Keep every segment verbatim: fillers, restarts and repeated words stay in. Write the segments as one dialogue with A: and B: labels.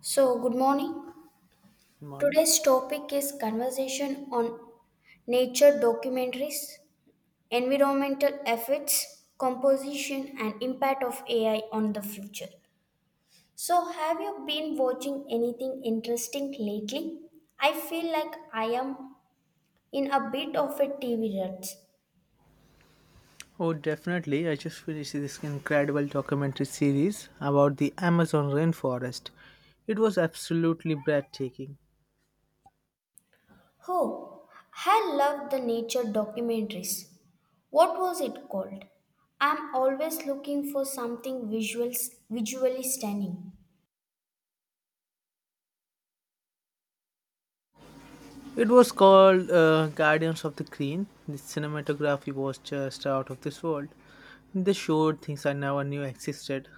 A: So, good morning.
B: Good morning.
A: Today's topic is conversation on nature documentaries, environmental effects, composition, and impact of A I on the future. So, have you been watching anything interesting lately? I feel like I am in a bit of a T V rut.
B: Oh, definitely. I just finished this incredible documentary series about the Amazon rainforest. It was absolutely breathtaking.
A: Oh, I love the nature documentaries. What was it called? I'm always looking for something visuals, visually stunning.
B: It was called uh, Guardians of the Green. The cinematography was just out of this world. They showed things I never knew existed.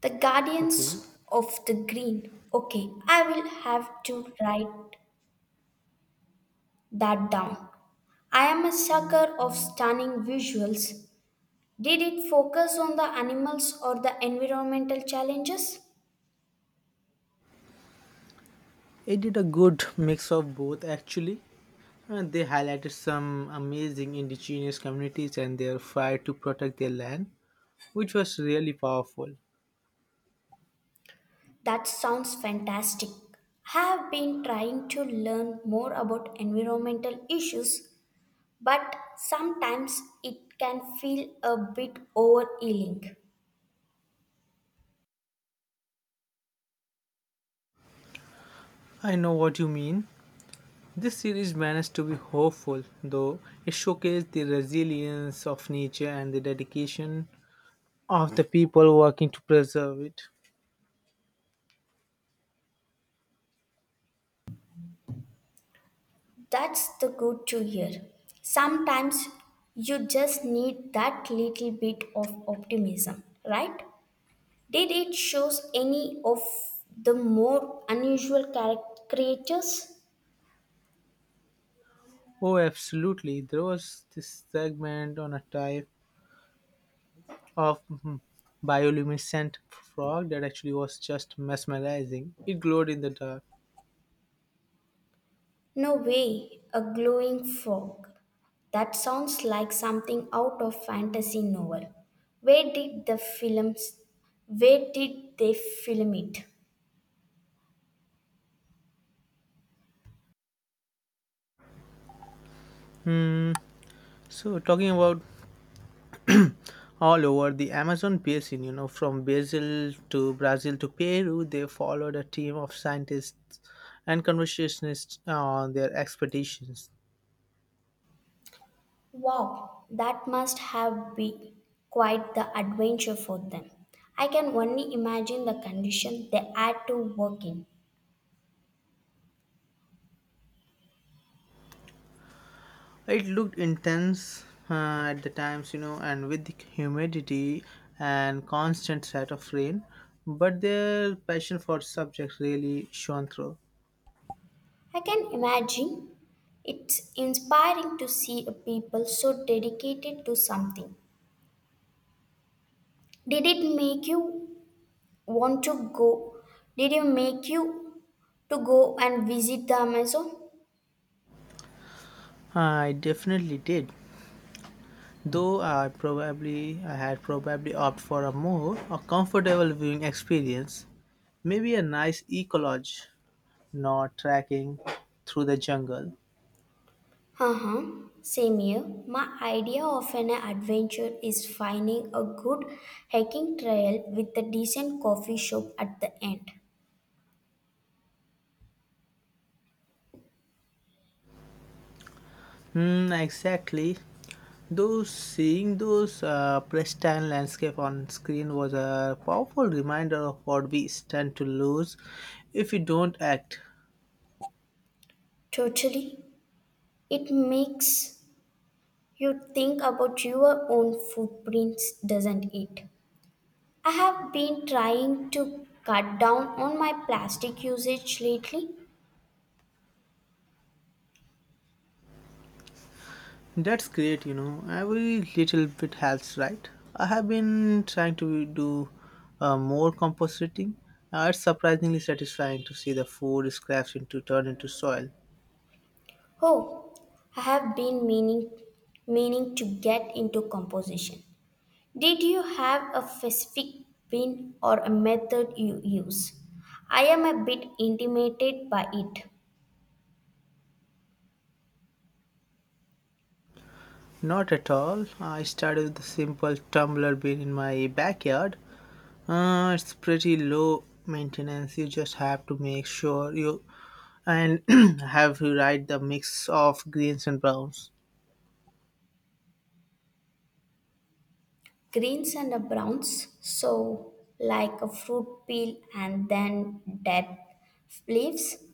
A: The
B: Okay.
A: Guardians of the Green. Okay, I will have to write that down. I am a sucker of stunning visuals. Did it focus on the animals or the environmental challenges?
B: It did a good mix of both, actually. And they highlighted some amazing indigenous communities and their fight to protect their land, which was really powerful.
A: That sounds fantastic. I have been trying to learn more about environmental issues, but sometimes it can feel a bit overwhelming.
B: I know what you mean. This series managed to be hopeful, though it showcased the resilience of nature and the dedication of the people working to preserve it.
A: That's the good to hear. Sometimes you just need that little bit of optimism, right? Did it shows any of the more unusual character creatures?
B: Oh, absolutely. There was this segment on a type of mm, bioluminescent frog that actually was just mesmerizing. It glowed in the dark.
A: No way, a glowing frog. That sounds like something out of fantasy novel. Where did the films where did they film it?
B: Hmm. So, talking about all over the Amazon basin, you know, from Brazil to Brazil to Peru, they followed a team of scientists and conservationists on their expeditions.
A: Wow, that must have been quite the adventure for them. I can only imagine the condition they had to work in.
B: It looked intense uh, at the times, you know, and with the humidity and constant threat of rain, but their passion for subjects really shone through.
A: I can imagine it's inspiring to see a people so dedicated to something. Did it make you want to go? Did it make you to go and visit the Amazon?
B: I definitely did. Though I probably I had probably opted for a more a comfortable viewing experience, maybe a nice eco lodge, not trekking through the jungle.
A: Uh-huh. Same here. My idea of an adventure is finding a good hiking trail with a decent coffee shop at the end.
B: Hmm, exactly. Though seeing those uh, pristine landscape on screen was a powerful reminder of what we stand to lose if we don't act.
A: Totally. It makes you think about your own footprints, doesn't it? I have been trying to cut down on my plastic usage lately.
B: That's great, you know. Every little bit helps, right? I have been trying to do uh, more compositing. Uh, it's surprisingly satisfying to see the food scraps into turn into soil.
A: Oh, I have been meaning meaning to get into composition. Did you have a specific pin or a method you use? I am a bit intimidated by it.
B: Not at all. I started with a simple tumbler bin in my backyard. Uh, it's pretty low maintenance. You just have to make sure you and have you right the mix of greens and browns.
A: Greens and the browns, so like a fruit peel and then dead leaves.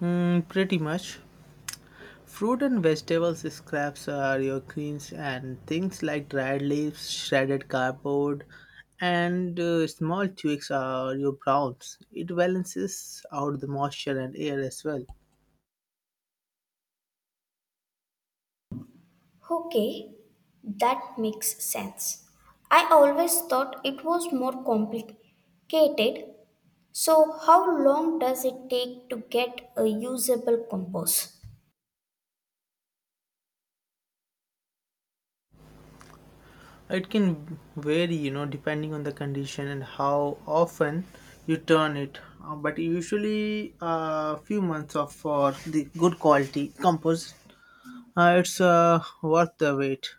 B: Mm, pretty much. Fruit and vegetables scraps are your greens and things like dried leaves, shredded cardboard, and uh, small twigs are your browns. It balances out the moisture and air as well.
A: Okay, that makes sense. I always thought it was more complicated. So, how long does it take to get a usable compost?
B: It can vary, you know, depending on the condition and how often you turn it. Uh, but usually, a few months of for the good quality compost, uh, it's uh, worth the wait.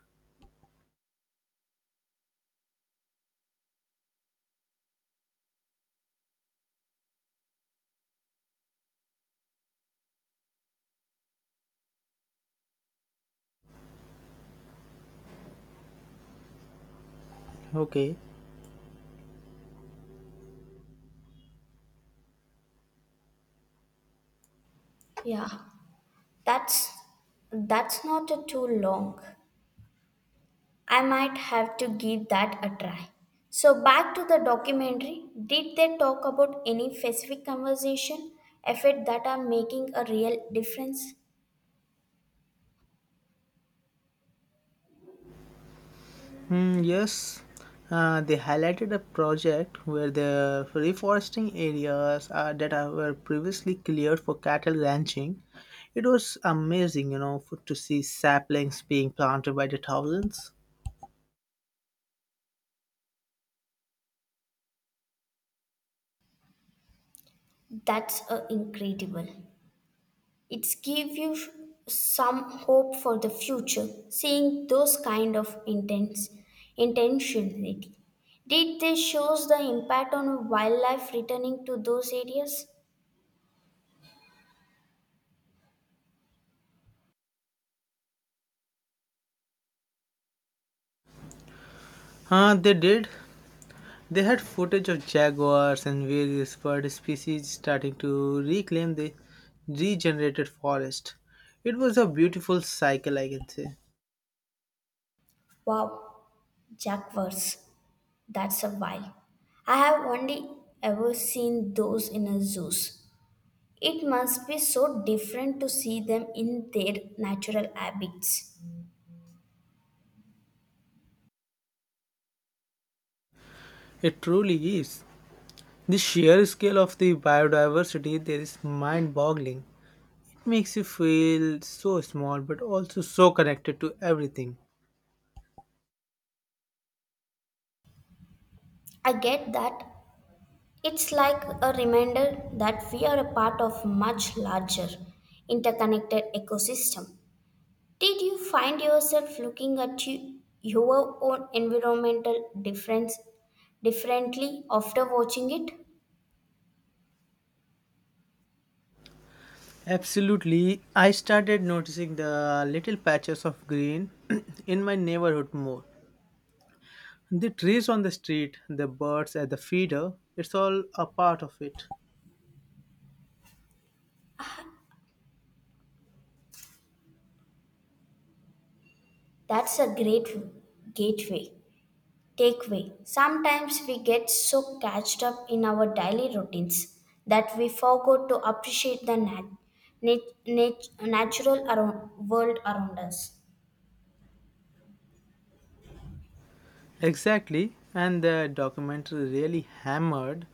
B: Okay.
A: Yeah. That's that's not a too long. I might have to give that a try. So back to the documentary. Did they talk about any specific conversation effort that are making a real difference?
B: Hmm, yes, uh, they highlighted a project where they're reforesting areas uh, that are- were previously cleared for cattle ranching. It was amazing, you know, for, to see saplings being planted by the thousands.
A: That's uh, incredible. It's give you some hope for the future. Seeing those kind of intense intentionality. Did they shows the impact on wildlife returning to those areas?
B: Uh, they did. They had footage of jaguars and various bird species starting to reclaim the regenerated forest. It was a beautiful cycle, I can say.
A: Wow, Jaguars. That's a while. I have only ever seen those in a zoos. It must be so different to see them in their natural habits.
B: It truly is. The sheer scale of the biodiversity there is mind boggling. It makes you feel so small but also so connected to everything.
A: I get that. It's like a reminder that we are a part of much larger interconnected ecosystem. Did you find yourself looking at you, your own environmental difference differently after watching it?
B: Absolutely, I started noticing the little patches of green in my neighborhood more. The trees on the street, the birds at the feeder, it's all a part of it.
A: That's a great gateway. Takeaway. Sometimes we get so catched up in our daily routines that we forget to appreciate the nat- nat- nat- natural around- world around us.
B: Exactly, and the documentary really hammered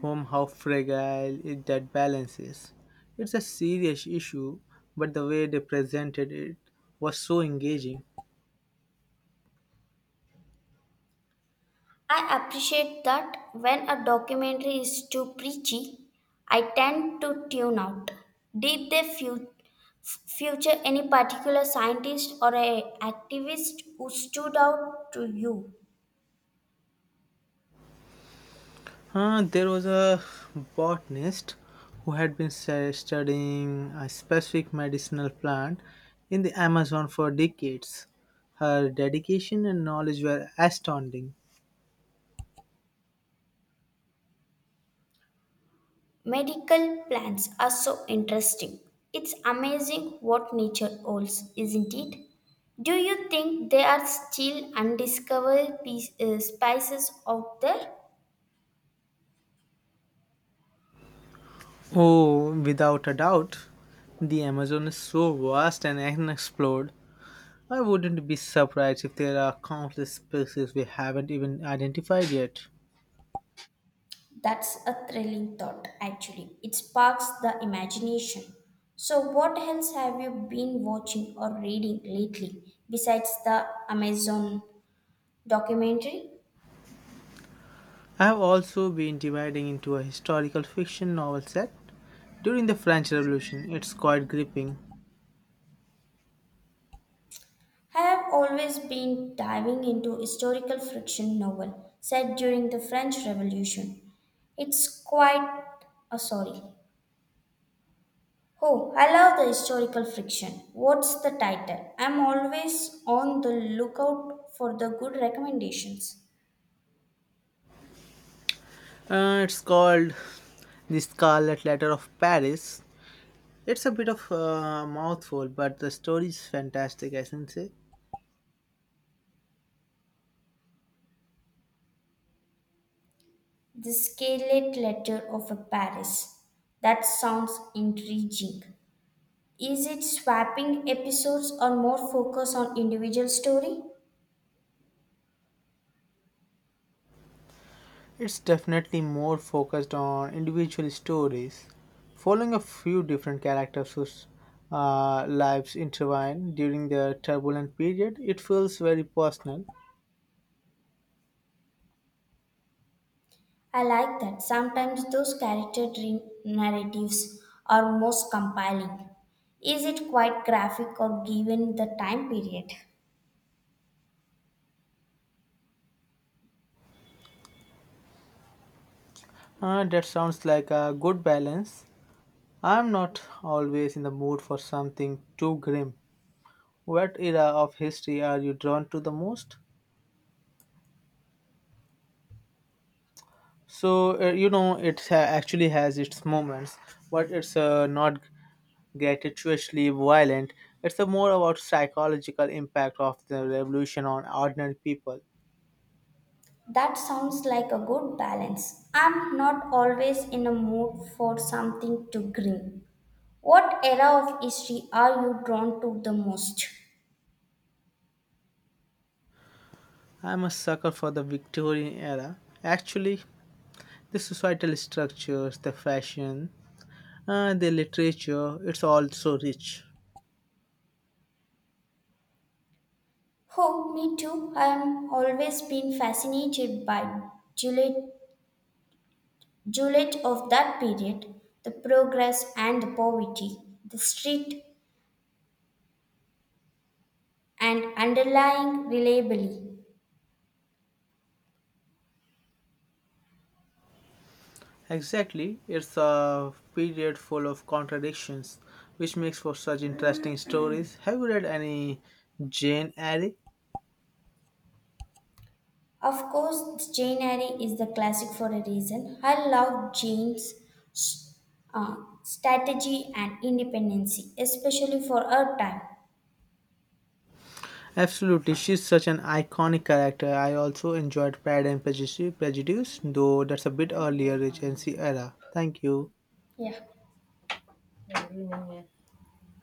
B: home how fragile it, that balance is. It's a serious issue, but the way they presented it was so engaging.
A: I appreciate that when a documentary is too preachy, I tend to tune out. Did they fu- f- future any particular scientist or a activist who stood out to you?
B: Uh, there was a botanist who had been stu- studying a specific medicinal plant in the Amazon for decades. Her dedication and knowledge were astounding.
A: Medical plants are so interesting. It's amazing what nature holds, isn't it? Do you think there are still undiscovered piece, uh, spices out there?
B: Oh, without a doubt, the Amazon is so vast and unexplored. I wouldn't be surprised if there are countless species we haven't even identified yet.
A: That's a thrilling thought, actually. It sparks the imagination. So, what else have you been watching or reading lately besides the Amazon documentary?
B: I have also been dividing into a historical fiction novel set during the French Revolution. It's quite gripping.
A: I have always been diving into historical fiction novel set during the French Revolution. It's quite a sorry. Oh, I love the historical fiction. What's the title? I'm always on the lookout for the good recommendations.
B: Uh, it's called The Scarlet Letter of Paris. It's a bit of a mouthful, but the story is fantastic, I can say.
A: The Scarlet Letter of a Paris. That sounds intriguing. Is it swapping episodes or more focus on individual story?
B: It's definitely more focused on individual stories, following a few different characters whose uh, lives intertwine during their turbulent period. It feels very personal.
A: I like that. Sometimes those character dri- narratives are most compelling. Is it quite graphic or given the time period?
B: Uh, that sounds like a good balance. I'm not always in the mood for something too grim. What era of history are you drawn to the most? So uh, you know it ha- actually has its moments, but it's uh, not gratuitously violent. It's a more about psychological impact of the revolution on ordinary people.
A: That sounds like a good balance. I'm not always in a mood for something too grim. What era of history are you drawn to the most?
B: I'm a sucker for the Victorian era. Actually, the societal structures, the fashion, uh, the literature, it's all so rich.
A: Oh, me too. I am always been fascinated by Juliet, Juliet of that period, the progress and the poverty, the street and underlying reliably.
B: Exactly, it's a period full of contradictions, which makes for such interesting stories. Have you read any Jane Eyre?
A: Of course, Jane Eyre is the classic for a reason. I love Jane's uh, strategy and independency, especially for her time.
B: Absolutely, she's such an iconic character. I also enjoyed Pride and Prejudice, Prejudice though that's a bit earlier Regency era. Thank you.
A: Yeah.